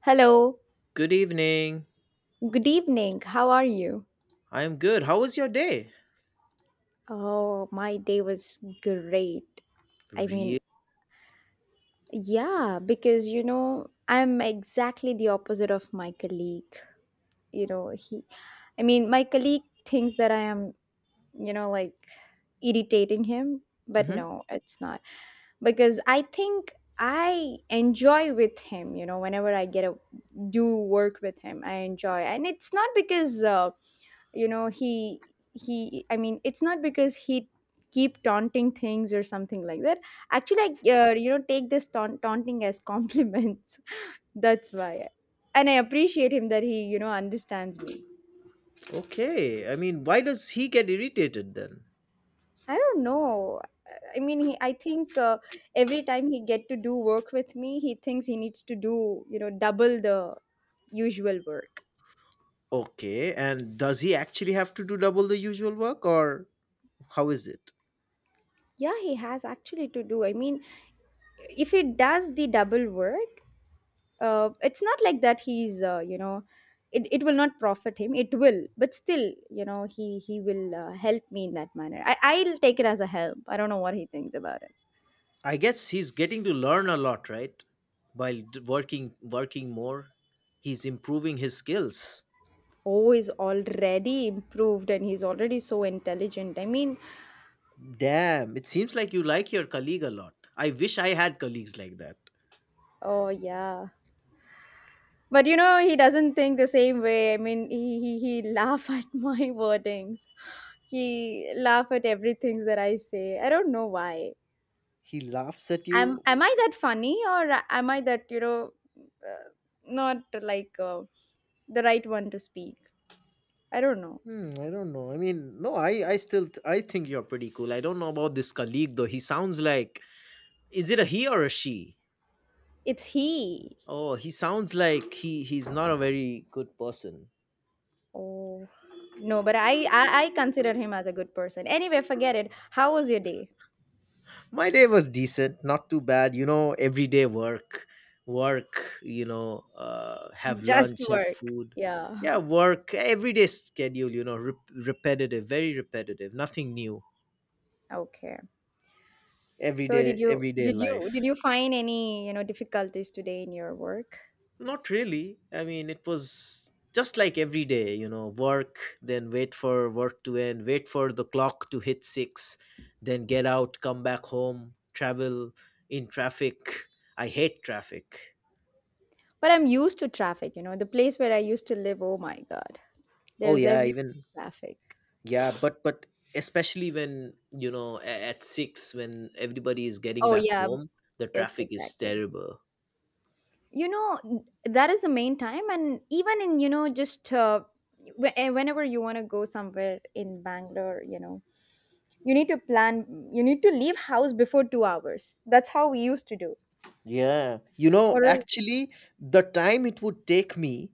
Hello, Good evening. good evening. How are you? I'm good. How was your day? Oh, my day was great. I mean, Really? yeah, because you know, I'm exactly the opposite of my colleague. You know, I mean, my colleague thinks that I am, you know, like irritating him, but Hmm. no, it's not. Because I think I enjoy with him, you know, whenever I get a do work with him, I enjoy. And it's not because you know he I mean it's not because he keep taunting things or something like that. Actually I you know take this taunting as compliments, that's why. And I appreciate him that he you know understands me. Okay. I mean, why does he get irritated then? I don't know, I mean I think, every time he get to do work with me he thinks he needs to do, you know, double the usual work. Okay. And does he actually have to do double the usual work or how is it? Yeah, he has actually to do, I mean, if he does the double work, it's not like that he's you know it will not profit him, it will, but still you know he will help me in that manner. I'll take it as a help, I don't know what he thinks about it. I guess he's getting to learn a lot, right? While working more, he's improving his skills. Oh, he's already improved and he's already so intelligent, I mean. Damn, it seems like you like your colleague a lot. I wish I had colleagues like that. Oh yeah, but you know he doesn't think the same way. I mean he laugh at my wordings. He laugh at everything that I say, I don't know why. He laughs at am you. am I that funny, or am I that, you know, uh, not like, the right one to speak? I don't know. Hmm, I don't know. I mean, no, I still I think you're pretty cool. I don't know about this colleague though. He sounds like Is it a he or a she? It's he. Oh, he sounds like he's not a very good person. Oh no, but I consider him as a good person, anyway, forget it. How was your day? My day was decent, not too bad. You know, everyday work, work. You know, have Just lunch, have work. food. Yeah. Yeah, work. Everyday schedule. You know, repetitive, very repetitive. Nothing new. Okay, so did Everyday, everyday life. you find any, you know, difficulties today in your work? Not really. I mean, it was just like every day, you know, work, then wait for work to end, wait for the clock to hit six, then get out, come back home, travel in traffic. I hate traffic. But I'm used to traffic, you know, the place where I used to live, oh my god, Oh, there's yeah, every even, traffic. yeah, but especially when, you know, at six, when everybody is getting Oh back yeah. home, the Yes traffic is exactly, terrible. you know that is the main time. And even in, you know, just whenever you want to go somewhere in Bangalore, you know, you need to plan, you need to leave house before 2 hours, that's how we used to do. Yeah. You know, Or else. actually, the time it would take me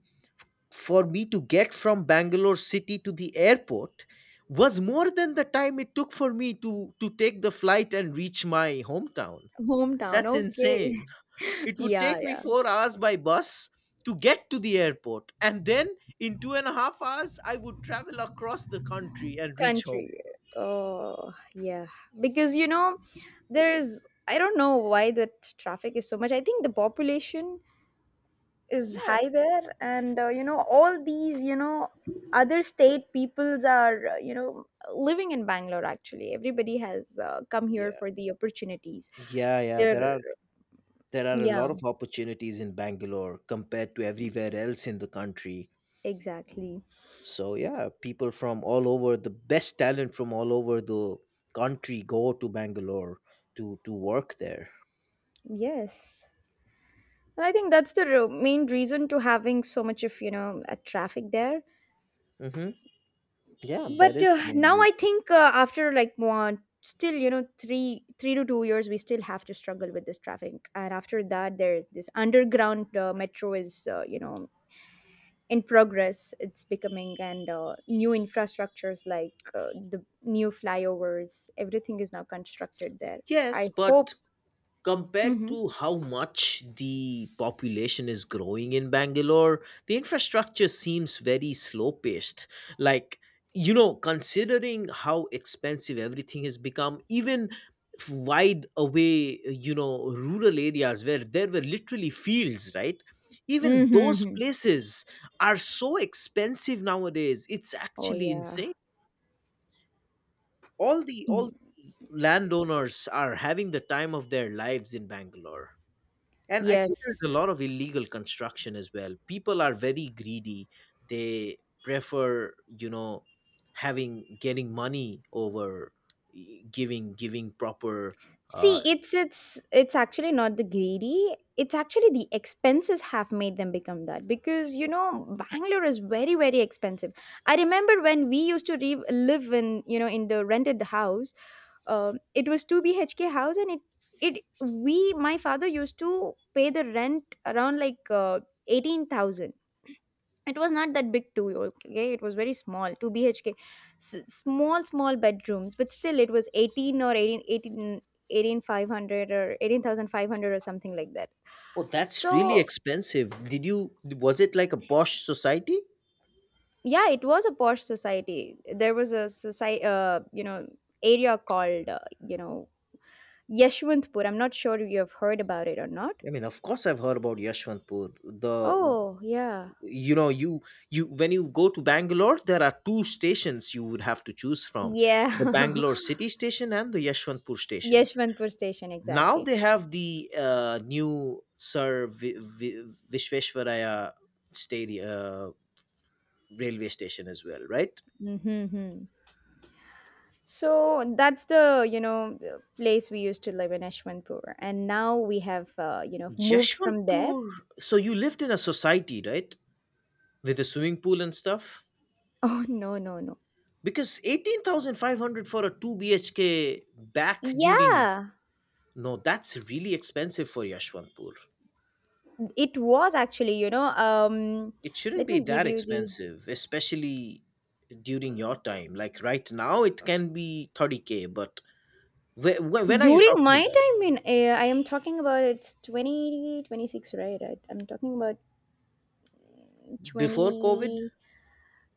for me to get from Bangalore city to the airport was more than the time it took for me to take the flight and reach my hometown. Hometown, That's okay. insane. It would Yeah, take me yeah. 4 hours by bus to get to the airport, and then in 2.5 hours, I would travel across the country and reach home. Country. Oh yeah, because you know there's, I don't know why the traffic is so much. I think the population is Yeah, high there, and you know all these, you know, other state peoples are, you know, living in Bangalore. Actually everybody has come here yeah, for the opportunities yeah, yeah. there. There are a Yeah, lot of opportunities in Bangalore compared to everywhere else in the country. exactly. So yeah, people from all over the best talent from all over the country go to Bangalore to work there. Yes, and I think that's the main reason to having so much of, you know, traffic there. Hmm. Yeah, that But is the main now I reason. think after like one still, you know, 3 to 2 years, we still have to struggle with this traffic. And after that there's this underground metro is, you know, in progress, it's becoming, and new infrastructures like, the new flyovers, everything is now constructed there, Yes, I hope. but compared Hmm. to how much the population is growing in Bangalore, the infrastructure seems very slow paced. Like, you know, considering how expensive everything has become, even wide away, you know, rural areas where there were literally fields, right? Even those Hmm. places are so expensive nowadays. It's Oh actually yeah. insane. All the all Y- the landowners are having the time of their lives in Bangalore. And I think there's a yes. lot of illegal construction as well. People are very greedy. They prefer, you know, having getting money over giving proper. See, Uh, it's actually not the greedy. It's actually the expenses have made them become that, because you know Bangalore is very very expensive. I remember when we used to live in, you know, in the rented house. It was two BHK house and it we, my father used to pay the rent around like, 18,000. It was not that big too, okay, it was very small 2 BHK. Small bedrooms, but still it was 18 or 18 eighteen eighteen hundred or 18,500 or something like that. oh, that's really So expensive. Did you? Was it like a posh society? yeah, it was a posh society. There was a society, you know, area called, you know, Yeshwantpur, I'm not sure if you have heard about it or not. I mean, of course, I've heard about Yashwantpur. The Oh yeah. you know you you when you go to Bangalore, there are two stations you would have to choose from: Yeah. the Bangalore City station and the Yashwantpur station. Yeshwantpur station Now exactly. they have the new Sir Vishveshwaraya stadium, railway station as well, right? Mm-hmm. Hmm. So that's the, you know, the place we used to live in Ashwanpur. And now we have, you know, moved from there. Yashwanpur. So you lived in a society, right, with a swimming pool and stuff? Oh, no, no, no. Because 18,500 for a two BHK back during, Yeah, no, that's really expensive for Yashwanpur. it was actually, you know, It shouldn't let be me give that you the. expensive, especially during your time. Like right now, it can be 30K, but when are you During my talking about? time in, I am talking about, it's 2026, right? I'm talking about Before covid. 20.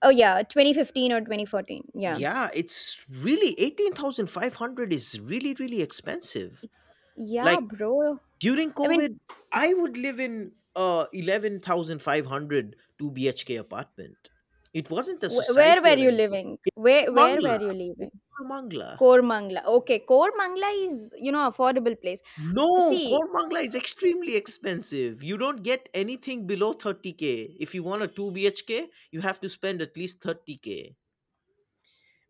Oh, yeah, 2015 or 2014. Yeah. Yeah, it's really, 18,500 is really really expensive. Yeah, Like, bro. during I mean, covid, I would live in a 11500 2 bhk apartment. It wasn't a society where were or you anything. living? Where were Mangla. you living? Mangla. Core Mangla. Okay, Core Mangla is, you know, affordable place. No, See, Kormangla is extremely expensive. You don't get anything below 30K if you want a 2 bhk. You have to spend at least 30K.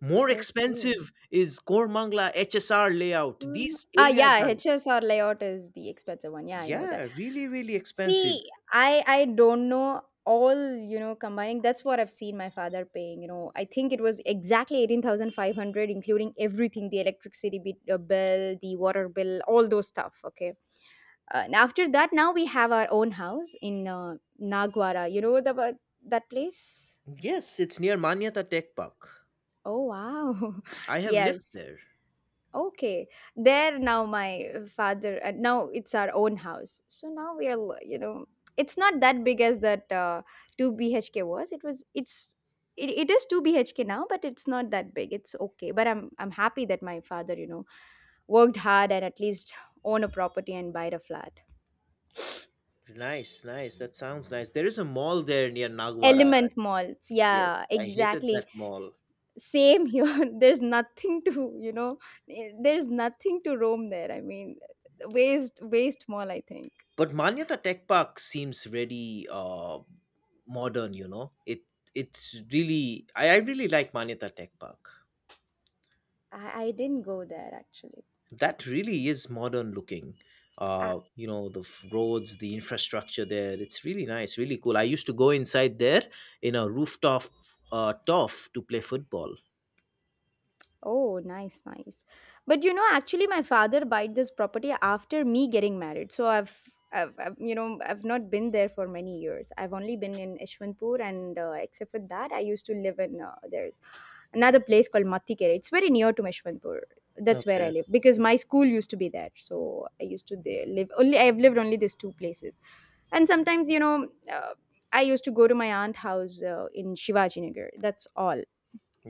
More okay. expensive is Kormangla HSR layout. These Ah, areas yeah, are, HS or layout is the expensive one. Yeah, I know that. yeah, really, really expensive. See, I don't know all, you know, combining. That's what I've seen my father paying. You know, I think it was exactly 18,500, including everything, the electricity bill, the water bill, all those stuff. Okay. And after that, now we have our own house in, Nagwara. You know that place? Yes, it's near Manyata Tech Park. Oh wow. I have lived Yes. there. Okay. There now my father, and now it's our own house. So now we are you know, it's not that big as that, 2 BHK was. It was it's it, it is 2 BHK now but it's not that big. It's okay. But I'm happy that my father, you know, worked hard and at least own a property and buy a flat. Nice, nice. That sounds nice. There is a mall there near Nagwara. Element malls. Yes, Yeah, I hated exactly. that mall. Same here. There's nothing to, you know, there's nothing to roam there, I mean, waste mall, I think. But Manyata Tech Park seems really modern, you know. It it's really I really like Manyata Tech Park. I didn't go there actually. That really is modern looking, I. You know, the roads, the infrastructure there, it's really nice, really cool. I used to go inside there, in a rooftop turf to play football. Oh, nice, nice. But you know, actually, my father bought this property after me getting married. So I've not been there for many years. I've only been in Ishwanpur, and, except for that, I used to live in, there's another place called Matikere. It's very near to Ishwanpur. That's where I Okay. live because my school used to be there, so I used to there live only. I've lived only these two places, and sometimes, you know. I used to go to my aunt house, in Shivaji Nagar. That's all.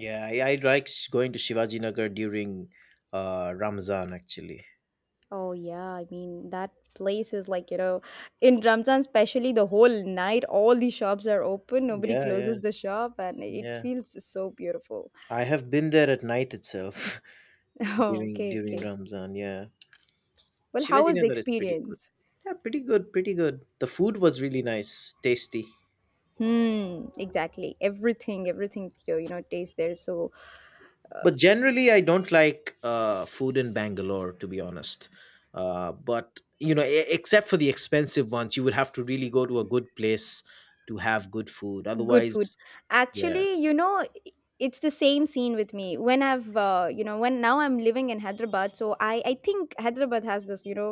Yeah, I like going to Shivaji Nagar during Ramzan, actually. Oh yeah, I mean that place is like, you know, in Ramzan especially the whole night all the shops are open, nobody Yeah, yeah, closes the shop and it yeah, feels so beautiful. I have been there at night itself Oh, during okay, during okay. Ramzan, yeah. Well, how Shivaji was the Nagar is pretty good. experience? Yeah, pretty good, pretty good, the food was really nice, tasty. Hmm, exactly. Everything, everything, you know, tastes there so But generally I don't like food in Bangalore, to be honest. But you know, except for the expensive ones, you would have to really go to a good place to have good food good otherwise. food. Yeah. Actually, you know, it's the same scene with me when I've you know, when now I'm living in Hyderabad, so I think Hyderabad has this, you know,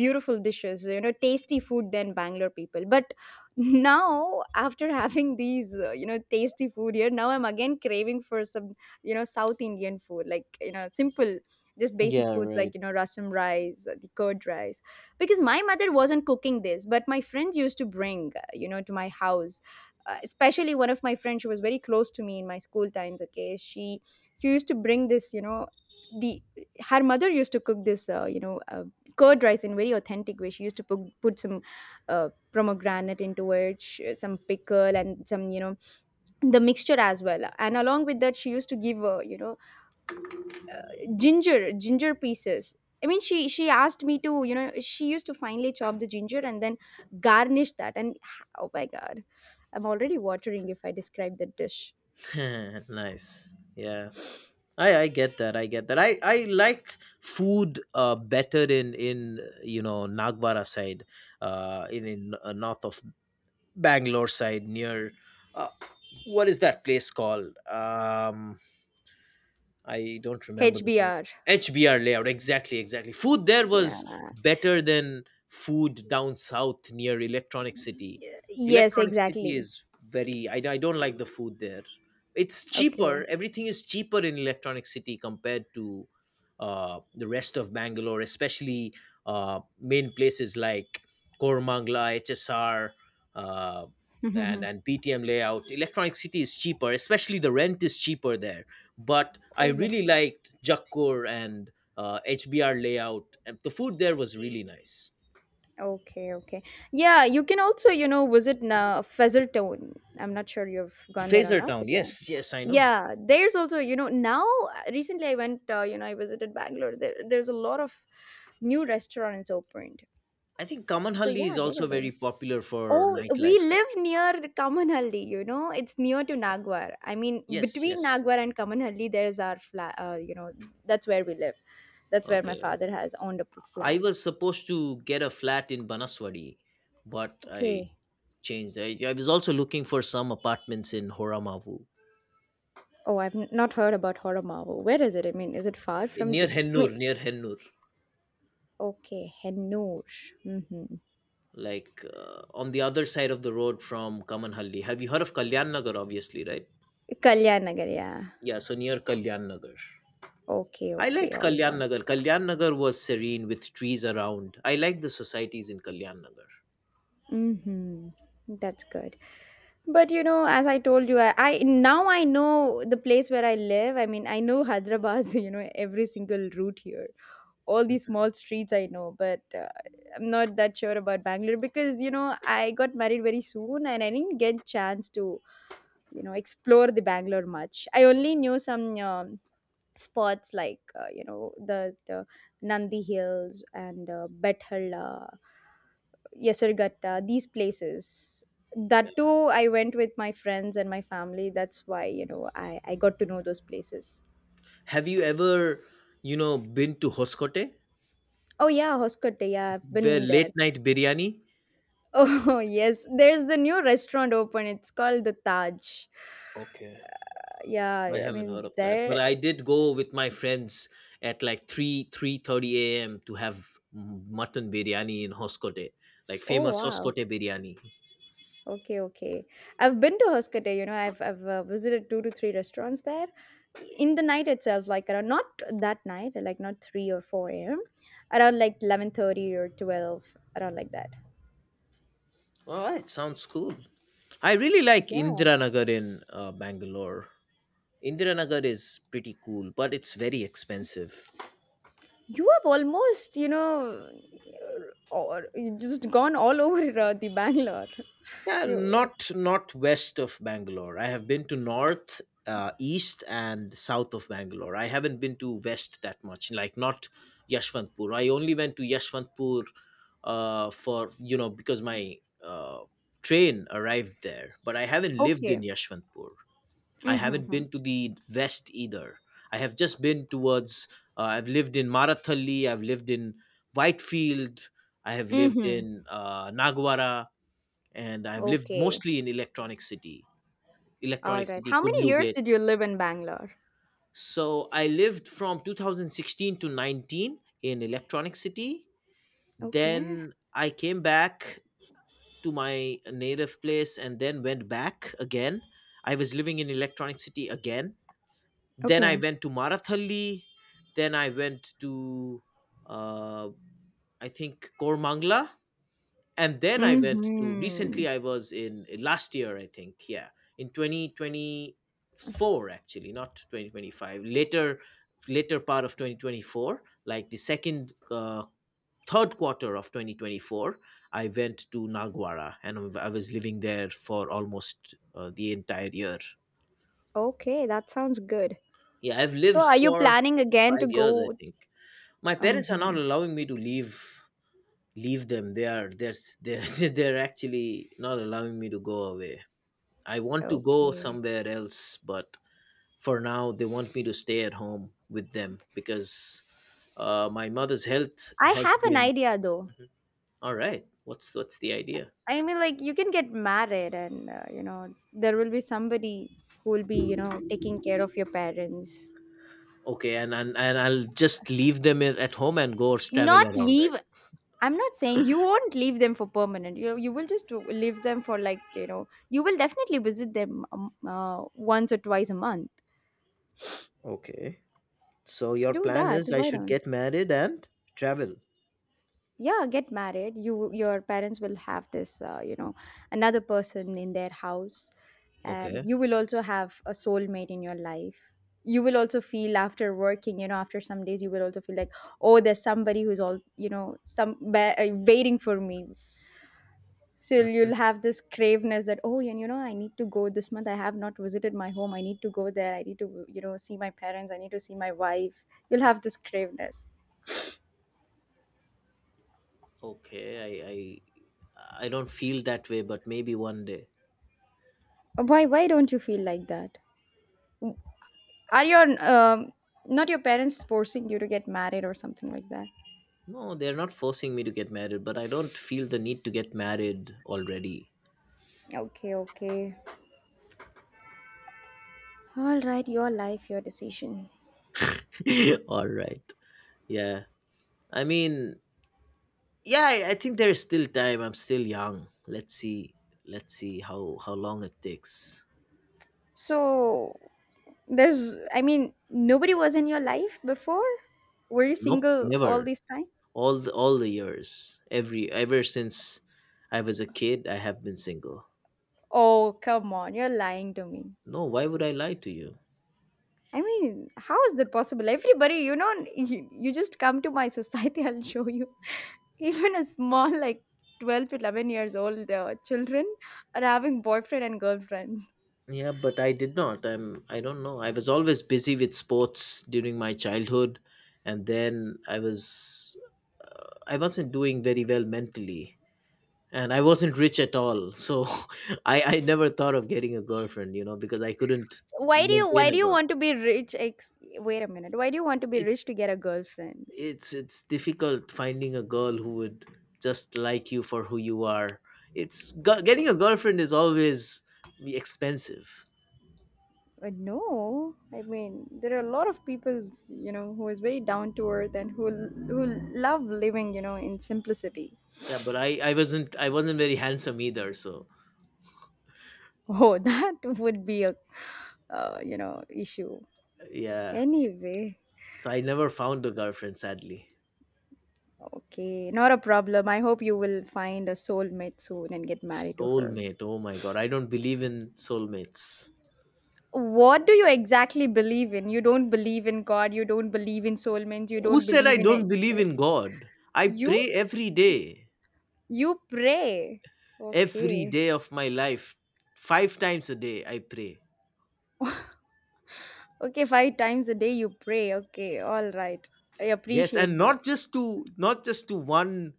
beautiful dishes, you know, tasty food than Bangalore people, but now after having these, you know, tasty food here, now I'm again craving for some, you know, south Indian food, like, you know, simple, just basic Yeah, foods like, right. you know, rasam rice, the curd rice. Because my mother wasn't cooking this, but my friends used to bring, you know, to my house, especially one of my friends, she was very close to me in my school times, okay, she used to bring this, you know, the, her mother used to cook this, curd rice in very authentic way. She used to put some, pomegranate into it, some pickle and some, you know, the mixture as well, and along with that she used to give, you know, ginger pieces. I mean she asked me to, you know, she used to finely chop the ginger and then garnish that and, oh my god, I'm already watering if I describe the dish. Nice. Yeah, I get that, I get that, I liked food better in, you know, Nagvara side, in north of Bangalore side, near uh, what is that place called, um, I don't remember the name. HBR. HBR layout, exactly, exactly. Food there Yeah. was better than food down south near Electronic City. Yes, Electronic City exactly. is very. I don't like the food there. It's cheaper, Okay. everything is cheaper in Electronic City compared to the rest of Bangalore, especially main places like Kormangla, HSR, uh, and, and PTM layout. Electronic City is cheaper, especially the rent is cheaper there, but I Oh, really liked Jakkur and HBR layout. And the food there was really nice. okay, okay. Yeah, you can also, you know, visit na Feathertone, I'm not sure you've gone there or Fraser not. But Town, yeah, yes, yes, I know. yeah, there's also, you know, now, recently I went, you know, I visited Bangalore, there's a lot of new restaurants opened. I think So Kamanhalli yeah, is there are also very popular for oh, we nightlife, right? live near Kamanhalli, you know, it's near to Nagwar, I mean Yes, between yes. Nagwar and Kamanhalli there's our flat, you know. That's where we live, that's where my Okay. father has owned a I flat. was supposed to get a flat in Banaswadi, but I Okay. changed. I was also looking for some apartments in Horamavu, Oh I've not heard about Horamavu, where is it? I mean, is it far from near the, I Hennur, mean, near Hennur, okay, Hennur. Mm-hmm. like on the other side of the road from Kamanhalli. Have you heard of Kalyan Nagar, obviously, right? Kalyan Nagar, yeah. Yeah, so near Kalyan Nagar. Okay, I okay, liked all Kalyan right. Nagar. Kalyan Nagar was serene with trees around. I liked the societies in Kalyan Nagar. Mm-hmm. That's good. But you know, as I told you, I now I know the place where I live. I mean, I know Hyderabad. You know, every single route here, all these small streets I know. But, I'm not that sure about Bangalore because, you know, I got married very soon and I didn't get chance to, you know, explore the Bangalore much. I only knew some, spots like, you know, the Nandi Hills, and, Bethalla Yesirgatta, these places. That too, I went with my friends and my family. That's why, you know, I got to know those places. Have you ever, you know, been to Hoskote? Oh, yeah, Hoskote. Yeah, I've Where been there. late night biryani? Oh, yes. There's the new restaurant open. It's called the Taj. Okay. I Yeah, I haven't heard mean, of that. But there. I did go with my friends at like 3 3:30 a.m. to have mutton biryani in Hoskote, like Oh, famous wow. Hoskote biryani. Okay, okay. I've been to Hoskote, I've visited two to three restaurants there in the night itself, like around not that night, like not 3 or 4 a.m., around like 11:30 or 12, around like that. All right, sounds cool. I really like Yeah. Indira Nagar in Bangalore. Indiranagar is pretty cool, but it's very expensive. You have almost, or you just gone all over the Bangalore. Yeah, You not west of Bangalore. I have been to north, east, and south of Bangalore. I haven't been to west that much, like not Yashwantpur. I only went to Yashwantpur for you know because my uh, train arrived there, but I haven't lived Okay. in Yashwantpur. I haven't Mm-hmm. been to the west either. I have just been towards. I've lived in Marathalli. I've lived in Whitefield. I have lived Mm-hmm. in Nagwara, and I've lived Okay. mostly in Electronic City, All Electronic right. City, How many Kudlu years did Gate. you live in Bangalore? So I lived from 2016 to 19 in Electronic City. Okay. Then I came back to my native place and then went back again. I was living in Electronic City again, then I Okay. went to Marathalli, then I went to, uh, I think, Kormangla, and then I went to Mm-hmm. recently, I was in last year, I think. Yeah, in 2024, actually not 2025, later part of 2024, like the second, third quarter of 2024, I went to Nagwara and I was living there for almost the entire year. Okay, that sounds good. Yeah, I've So, lived are you for planning again to 5 years, I go? think. My parents are not Mhm. allowing me to leave them. They are they're actually not allowing me to go away. I want to go Okay. somewhere else, but for now they want me to stay at home with them because my mother's health I has have an been. idea though. All right, what's the idea? I mean, like, you can get married, and, there will be somebody who will be, taking care of your parents. Okay, and I'll just leave them at home and go travel Not around, leave. right? I'm not saying you won't leave them for permanent. You will just leave them for, like, you will definitely visit them once or twice a month. Okay. So your Do plan that. is I Why should not? get married and travel. Yeah, get married. Your parents will have this another person in their house, and you will also have a soulmate in your life. You will also feel, after working, after some days, you will also feel like, oh, there's somebody who's all, some waiting for me. So Okay. you'll have this craveness that, oh, and I need to go this month. I have not visited my home. I need to go there. I need to, see my parents. I need to see my wife. You'll have this craveness. Okay, I don't feel that way, but maybe one day. Why don't you feel like that? Are your not your parents forcing you to get married or something like that? No, they're not forcing me to get married, but I don't feel the need to get married already. Okay, okay. All right, your life, your decision. All right. Yeah. I mean, yeah, I think there's still time. I'm still young. Let's see. Let's see how long it takes. So, there's I mean, nobody was in your life before? Were you Nope, single all never. this time? All the, years. Ever since I was a kid, I have been single. Oh, come on, you're lying to me. No, why would I lie to you? I mean, how is that possible? Everybody, you just come to my society, I'll show you. Even a small, like 12 to 11 years old children are having boyfriend and girlfriends. Yeah, but I did not. I don't know. I was always busy with sports during my childhood and then I wasn't doing very well mentally, and I wasn't rich at all. So I never thought of getting a girlfriend, because I couldn't So why do you why maintain do a you girl. want to be rich? Wait a minute. Why do you want to be rich to It's get a girlfriend? it's difficult finding a girl who would just like you for who you are. It's getting a girlfriend is always expensive. No, I mean there are a lot of people, who is very down to earth and who love living, in simplicity. Yeah, but I wasn't very handsome either, so Oh, so that would be a, issue. yeah. Anyway, So I never found a girlfriend, sadly. okay, not a problem. I hope you will find a soulmate soon and get married to her. Soulmate. Oh my God. I don't believe in soulmates. What do you exactly believe in? You don't believe in God. You don't believe in soulmates. You Who don't said believe I in don't believe it. in God? I You pray s- you pray. every Okay. day of my life, 5 times a day. I pray. Okay, five times a day you pray. Okay, all right. I Yes, appreciate and that. Not just to one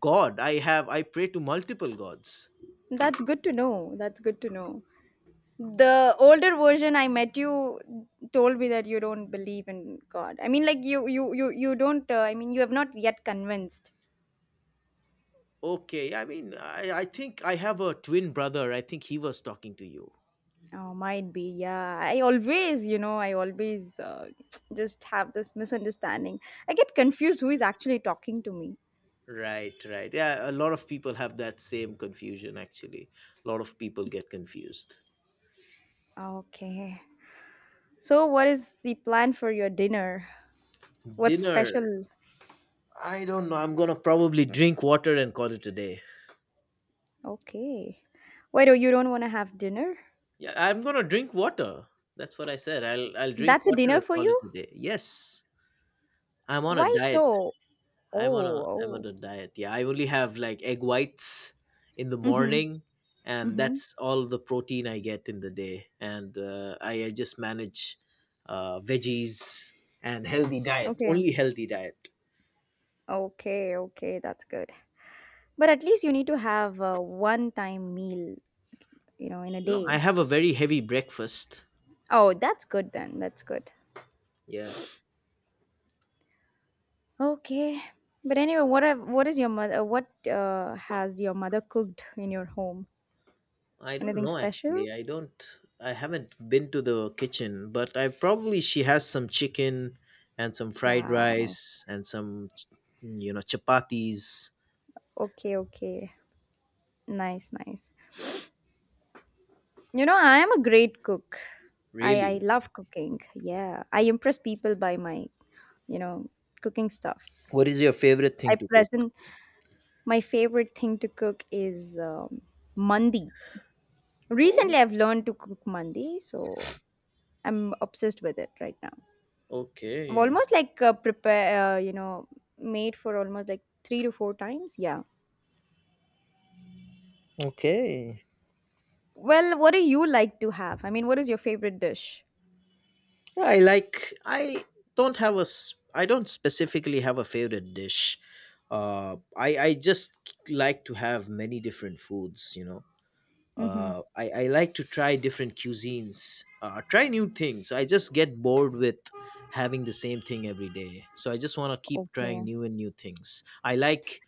God. I have I pray to multiple gods. That's good to know. That's good to know. The older version I met you told me that you don't believe in God. I mean, like, you don't I mean, you have not yet convinced. Okay, I mean, I think I have a twin brother. I think he was talking to you. Oh, might be. Yeah. I always just have this misunderstanding. I get confused who is actually talking to me. Right, right. Yeah, a lot of people have that same confusion actually. A lot of people get confused. Okay. So, what is the plan for your dinner? What's Dinner, special? I don't know. I'm gonna probably drink water and call it a day. Okay. Wait, oh, you don't want to have dinner? Yeah, I'm gonna drink water. That's what I said. I'll drink That's a water dinner and for call you? it a day. Yes. I'm on a Why diet. so? Oh, I'm on oh. a diet. Yeah, I only have like egg whites in the Mm-hmm. morning, and Mm-hmm. that's all the protein I get in the day. And I just manage veggies and healthy diet. Okay. Only healthy diet. Okay, okay, that's good. But at least you need to have a one-time meal, in a No, I day. have a very heavy breakfast. Oh, that's good then. That's good. Yeah, Okay. But anyway, what have, what is your mother what has your mother cooked in your home? I don't Anything know special? actually. I don't. I haven't been to the kitchen, but I probably she has some chicken and some fried Wow. rice and some you know chapatis. Okay, okay. Nice, nice. I am a great cook. I Really, love cooking. Yeah, I impress people by my, you know, cooking what stuffs. is your favorite thing I to cook? present My favorite thing to cook is mandi. Recently, Oh, I've learned to cook mandi, so I'm obsessed with it right now. I've okay. almost like made for almost like three to four times. Yeah. Okay. Well, what do you like to have? I mean, what is your favorite dish? I don't have I don't specifically have a favorite dish. I just like to have many different foods, you know. Mm-hmm. I like to try different cuisines. Uh, try new things. I just get bored with having the same thing every day. So I just want to keep trying Okay. new and new things. I like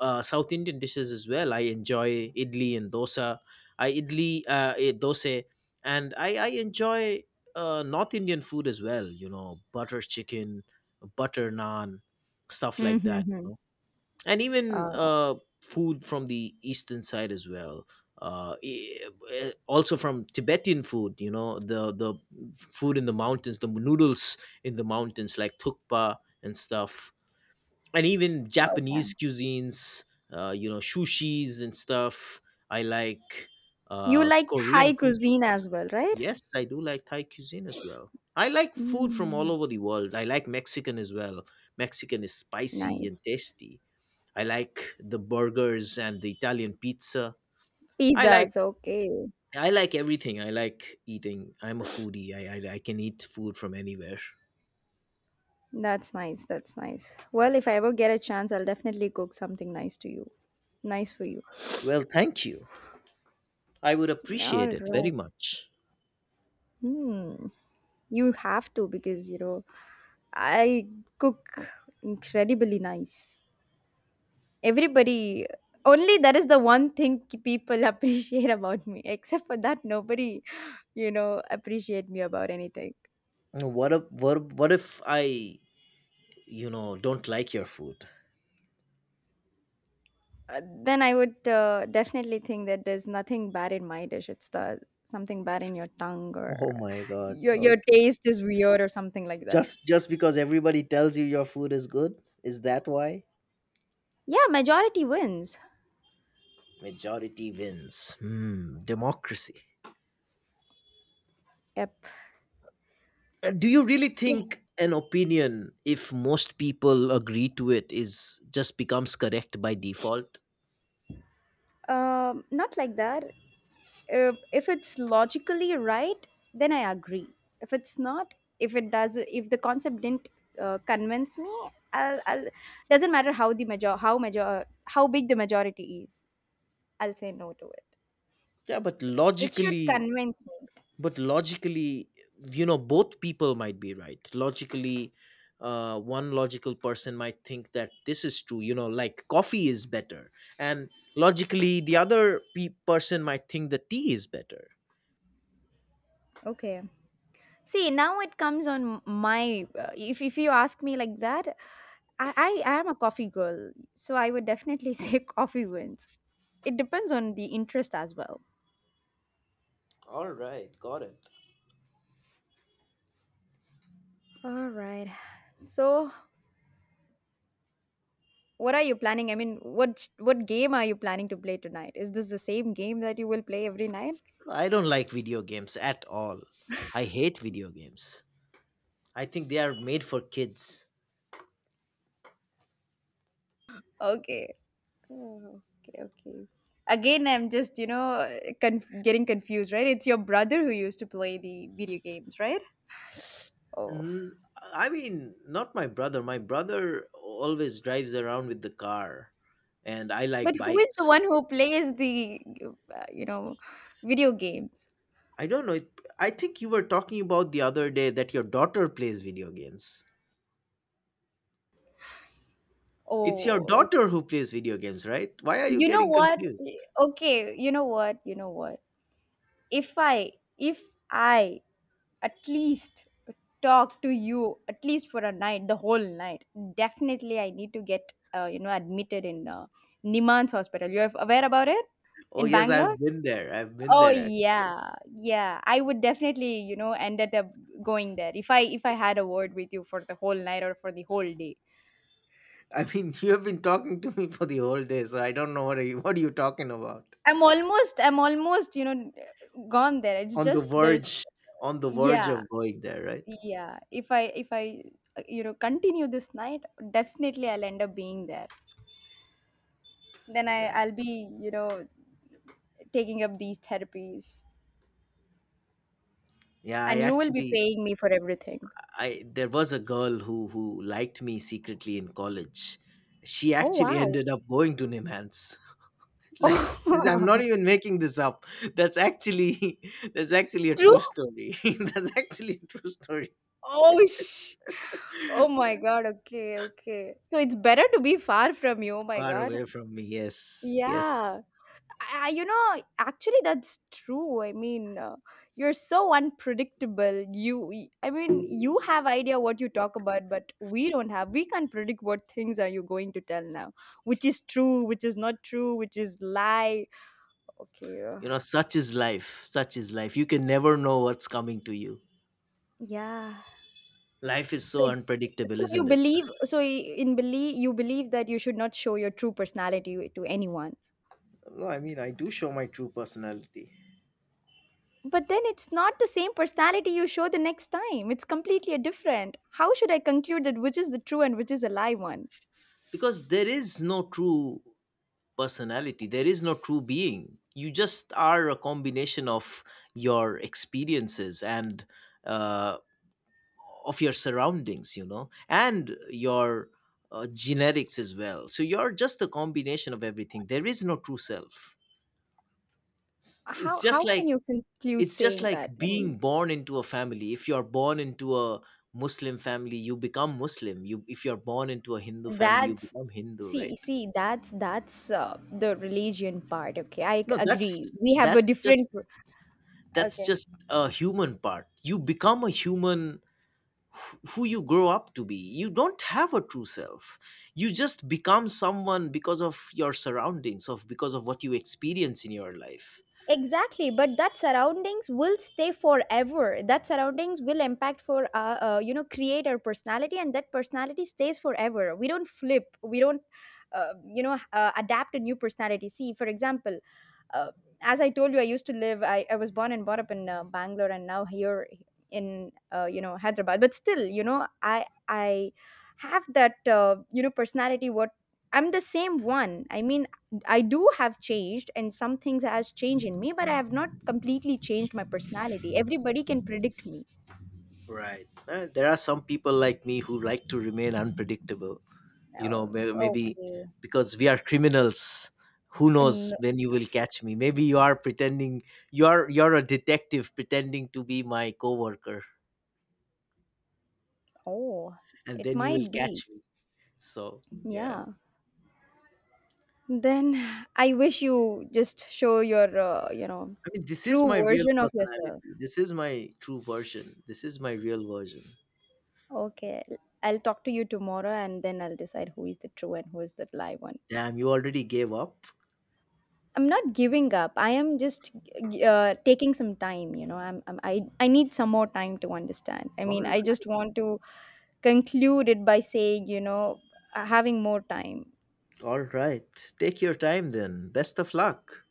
South Indian dishes as well. I enjoy idli and dosa. Dosa, and I enjoy North Indian food as well. You know, butter chicken, butter naan, stuff like Mm-hmm. that. Mm-hmm. You know, and even Oh, food from the eastern side as well. Also from Tibetan food, you know, the food in the mountains, the noodles in the mountains, like thukpa and stuff, and even okay. Japanese cuisines, you know, sushis and stuff. I like You liked Korean Thai cuisine. cuisine as well, right? Yes, I do like Thai cuisine as well. I like food from all Mm, over the world. I like Mexican as well. Mexican is spicy and nice. tasty. I like the burgers and the Italian pizza. I like Pizzas, okay. I like everything. I like eating. I'm a foodie. I can eat food from anywhere. That's nice. That's nice. Well, if I ever get a chance, I'll definitely cook something nice to you. Nice for you. Well, thank you. I would All appreciate it right. very much. Hmm. You have to because, I cook incredibly nice. Everybody, only that is the one thing people appreciate about me. Except for that, nobody, appreciate me about anything. What if I you know don't like your food? Then I would definitely think that there's nothing bad in my dish. It's the something bad in your tongue Oh or my god. your Okay. taste is weird or something like that. Just because everybody tells you your food is good, is that why? Yeah, majority wins. Majority wins. Hmm, democracy. Yep. Do you really Yeah. think an opinion, if most people agree to it, is just becomes correct by default? Not like that. If it's logically right, then I agree. If it's not, if it does, If the concept didn't convince me, I'll. Doesn't matter how big the majority is. I'll say no to it. Yeah, but It should logically, convince me. but logically, you know, both people might be right logically. One logical person might think that this is true, you know, like coffee is better, and logically the other person might think the tea is better. Okay. See, now it comes on my. If you ask me like that, I am a coffee girl, so I would definitely say coffee wins. It depends on the interest as well. All right, got it. All right. So, what are you planning? I mean, what game are you planning to play tonight? Is this the same game that you will play every night? I don't like video games at all. I hate video games. I think they are made for kids. Okay. Oh, okay. Okay. Again, I'm just getting confused, right? It's your brother who used to play the video games, right? Oh. N- I mean, not my brother. My brother always drives around with the car, and I But like who is the bikes. one who plays the, uh, you know, video games? I don't know. I think you were talking about the other day that your daughter plays video games. It's your Oh, daughter who plays video games, right? Why are you you know getting what? confused? Okay, you know what? You know what? If I at least talk to you at least for a night, the whole night, definitely I need to get, admitted in Niman's hospital. You're aware about it Oh, in yes, Bangalore? I've been there. I've been Oh there. yeah, yeah. I would definitely, ended up going there if I had a word with you for the whole night or for the whole day. I mean, you have been talking to me for the whole day, so I don't know what are you, what are you talking about? I'm almost, gone there. It's On the just verge, on the verge yeah, of going there, right? yeah. If I continue this night, definitely I'll end up being there. Then I Right. I'll be taking up these therapies, Yeah, I and you will be actually, paying me for everything. I there was a girl who liked me secretly in college. She Oh actually wow. ended up going to Nimhans. Like this, I'm not even making this up. That's actually that's actually a True? true story. That's actually a true story. Oh, oh my god, okay, okay. So it's better to be far from you. Oh my Far god. away from me, yes, yes. Yeah. Actually, that's true. I mean, you're so unpredictable. I mean, you have idea what you talk about, but we don't have. We can't predict what things are you going to tell now, which is true, which is not true, which is lie. Okay. You know, such is life. Such is life. You can never know what's coming to you. Yeah. Life is So so it's unpredictable, isn't it? So I- in believe you believe that you should not show your true personality to anyone. No, I mean, I do show my true personality. But then it's not the same personality you show the next time. It's completely different. How should I conclude that which is the true and which is a lie one? Because there is no true personality, there is no true being. You just are a combination of your experiences and uh, of your surroundings, you know, and your genetics as well. So you're just a combination of everything. There is no true self. How It's just how can like, you conclude it's just saying like that? I mean, being born into a family. If you're born into a Muslim family, you become Muslim. You, if you're born into a Hindu family, you that's become Hindu, see right? see that's the religion part. Okay, I No, agree. that's, We have a that's different. just that's Okay. just a human part. You become a human who you grow up to be. You don't have a true self. You just become someone because of your surroundings, of because of what you experience in your life. Exactly, but that surroundings will stay forever. That surroundings will impact for you know create our personality, and that personality stays forever. We don't flip. We don't adapt a new personality. See, for example, uh, as I told you, I used to live. I was born and brought up in Bangalore, and now here in Hyderabad. But still, I have that personality. What I'm the same one. I mean, I do have changed, and some things has changed in me, but I have not completely changed my personality. Everybody can predict me. Right. There are some people like me who like to remain unpredictable. You know, Oh, maybe okay. because we are criminals. Who And, knows when you will catch me? Maybe you are pretending, you are, you're a detective pretending to be my coworker, oh, and it then you will might be. catch me. So yeah. Yeah. Then I wish you just show your, I mean, this is true my real version of personality. yourself. This is my true version. This is my real version. Okay, I'll talk to you tomorrow and then I'll decide who is the true and who is the lie one. Damn, you already gave up? I'm not giving up. I am just taking some time. I need some more time to understand. I All mean, I just right. want to conclude it by saying, having more time. All right. Take your time then. Best of luck.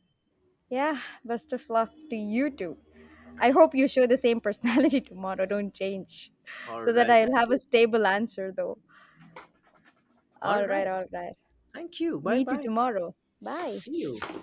Yeah, best of luck to you too. I hope you show the same personality tomorrow. Don't change. All So that right. I'll have a stable answer, though. All All right, right. all right. Thank you. Bye Meet you bye. tomorrow. Bye. See you.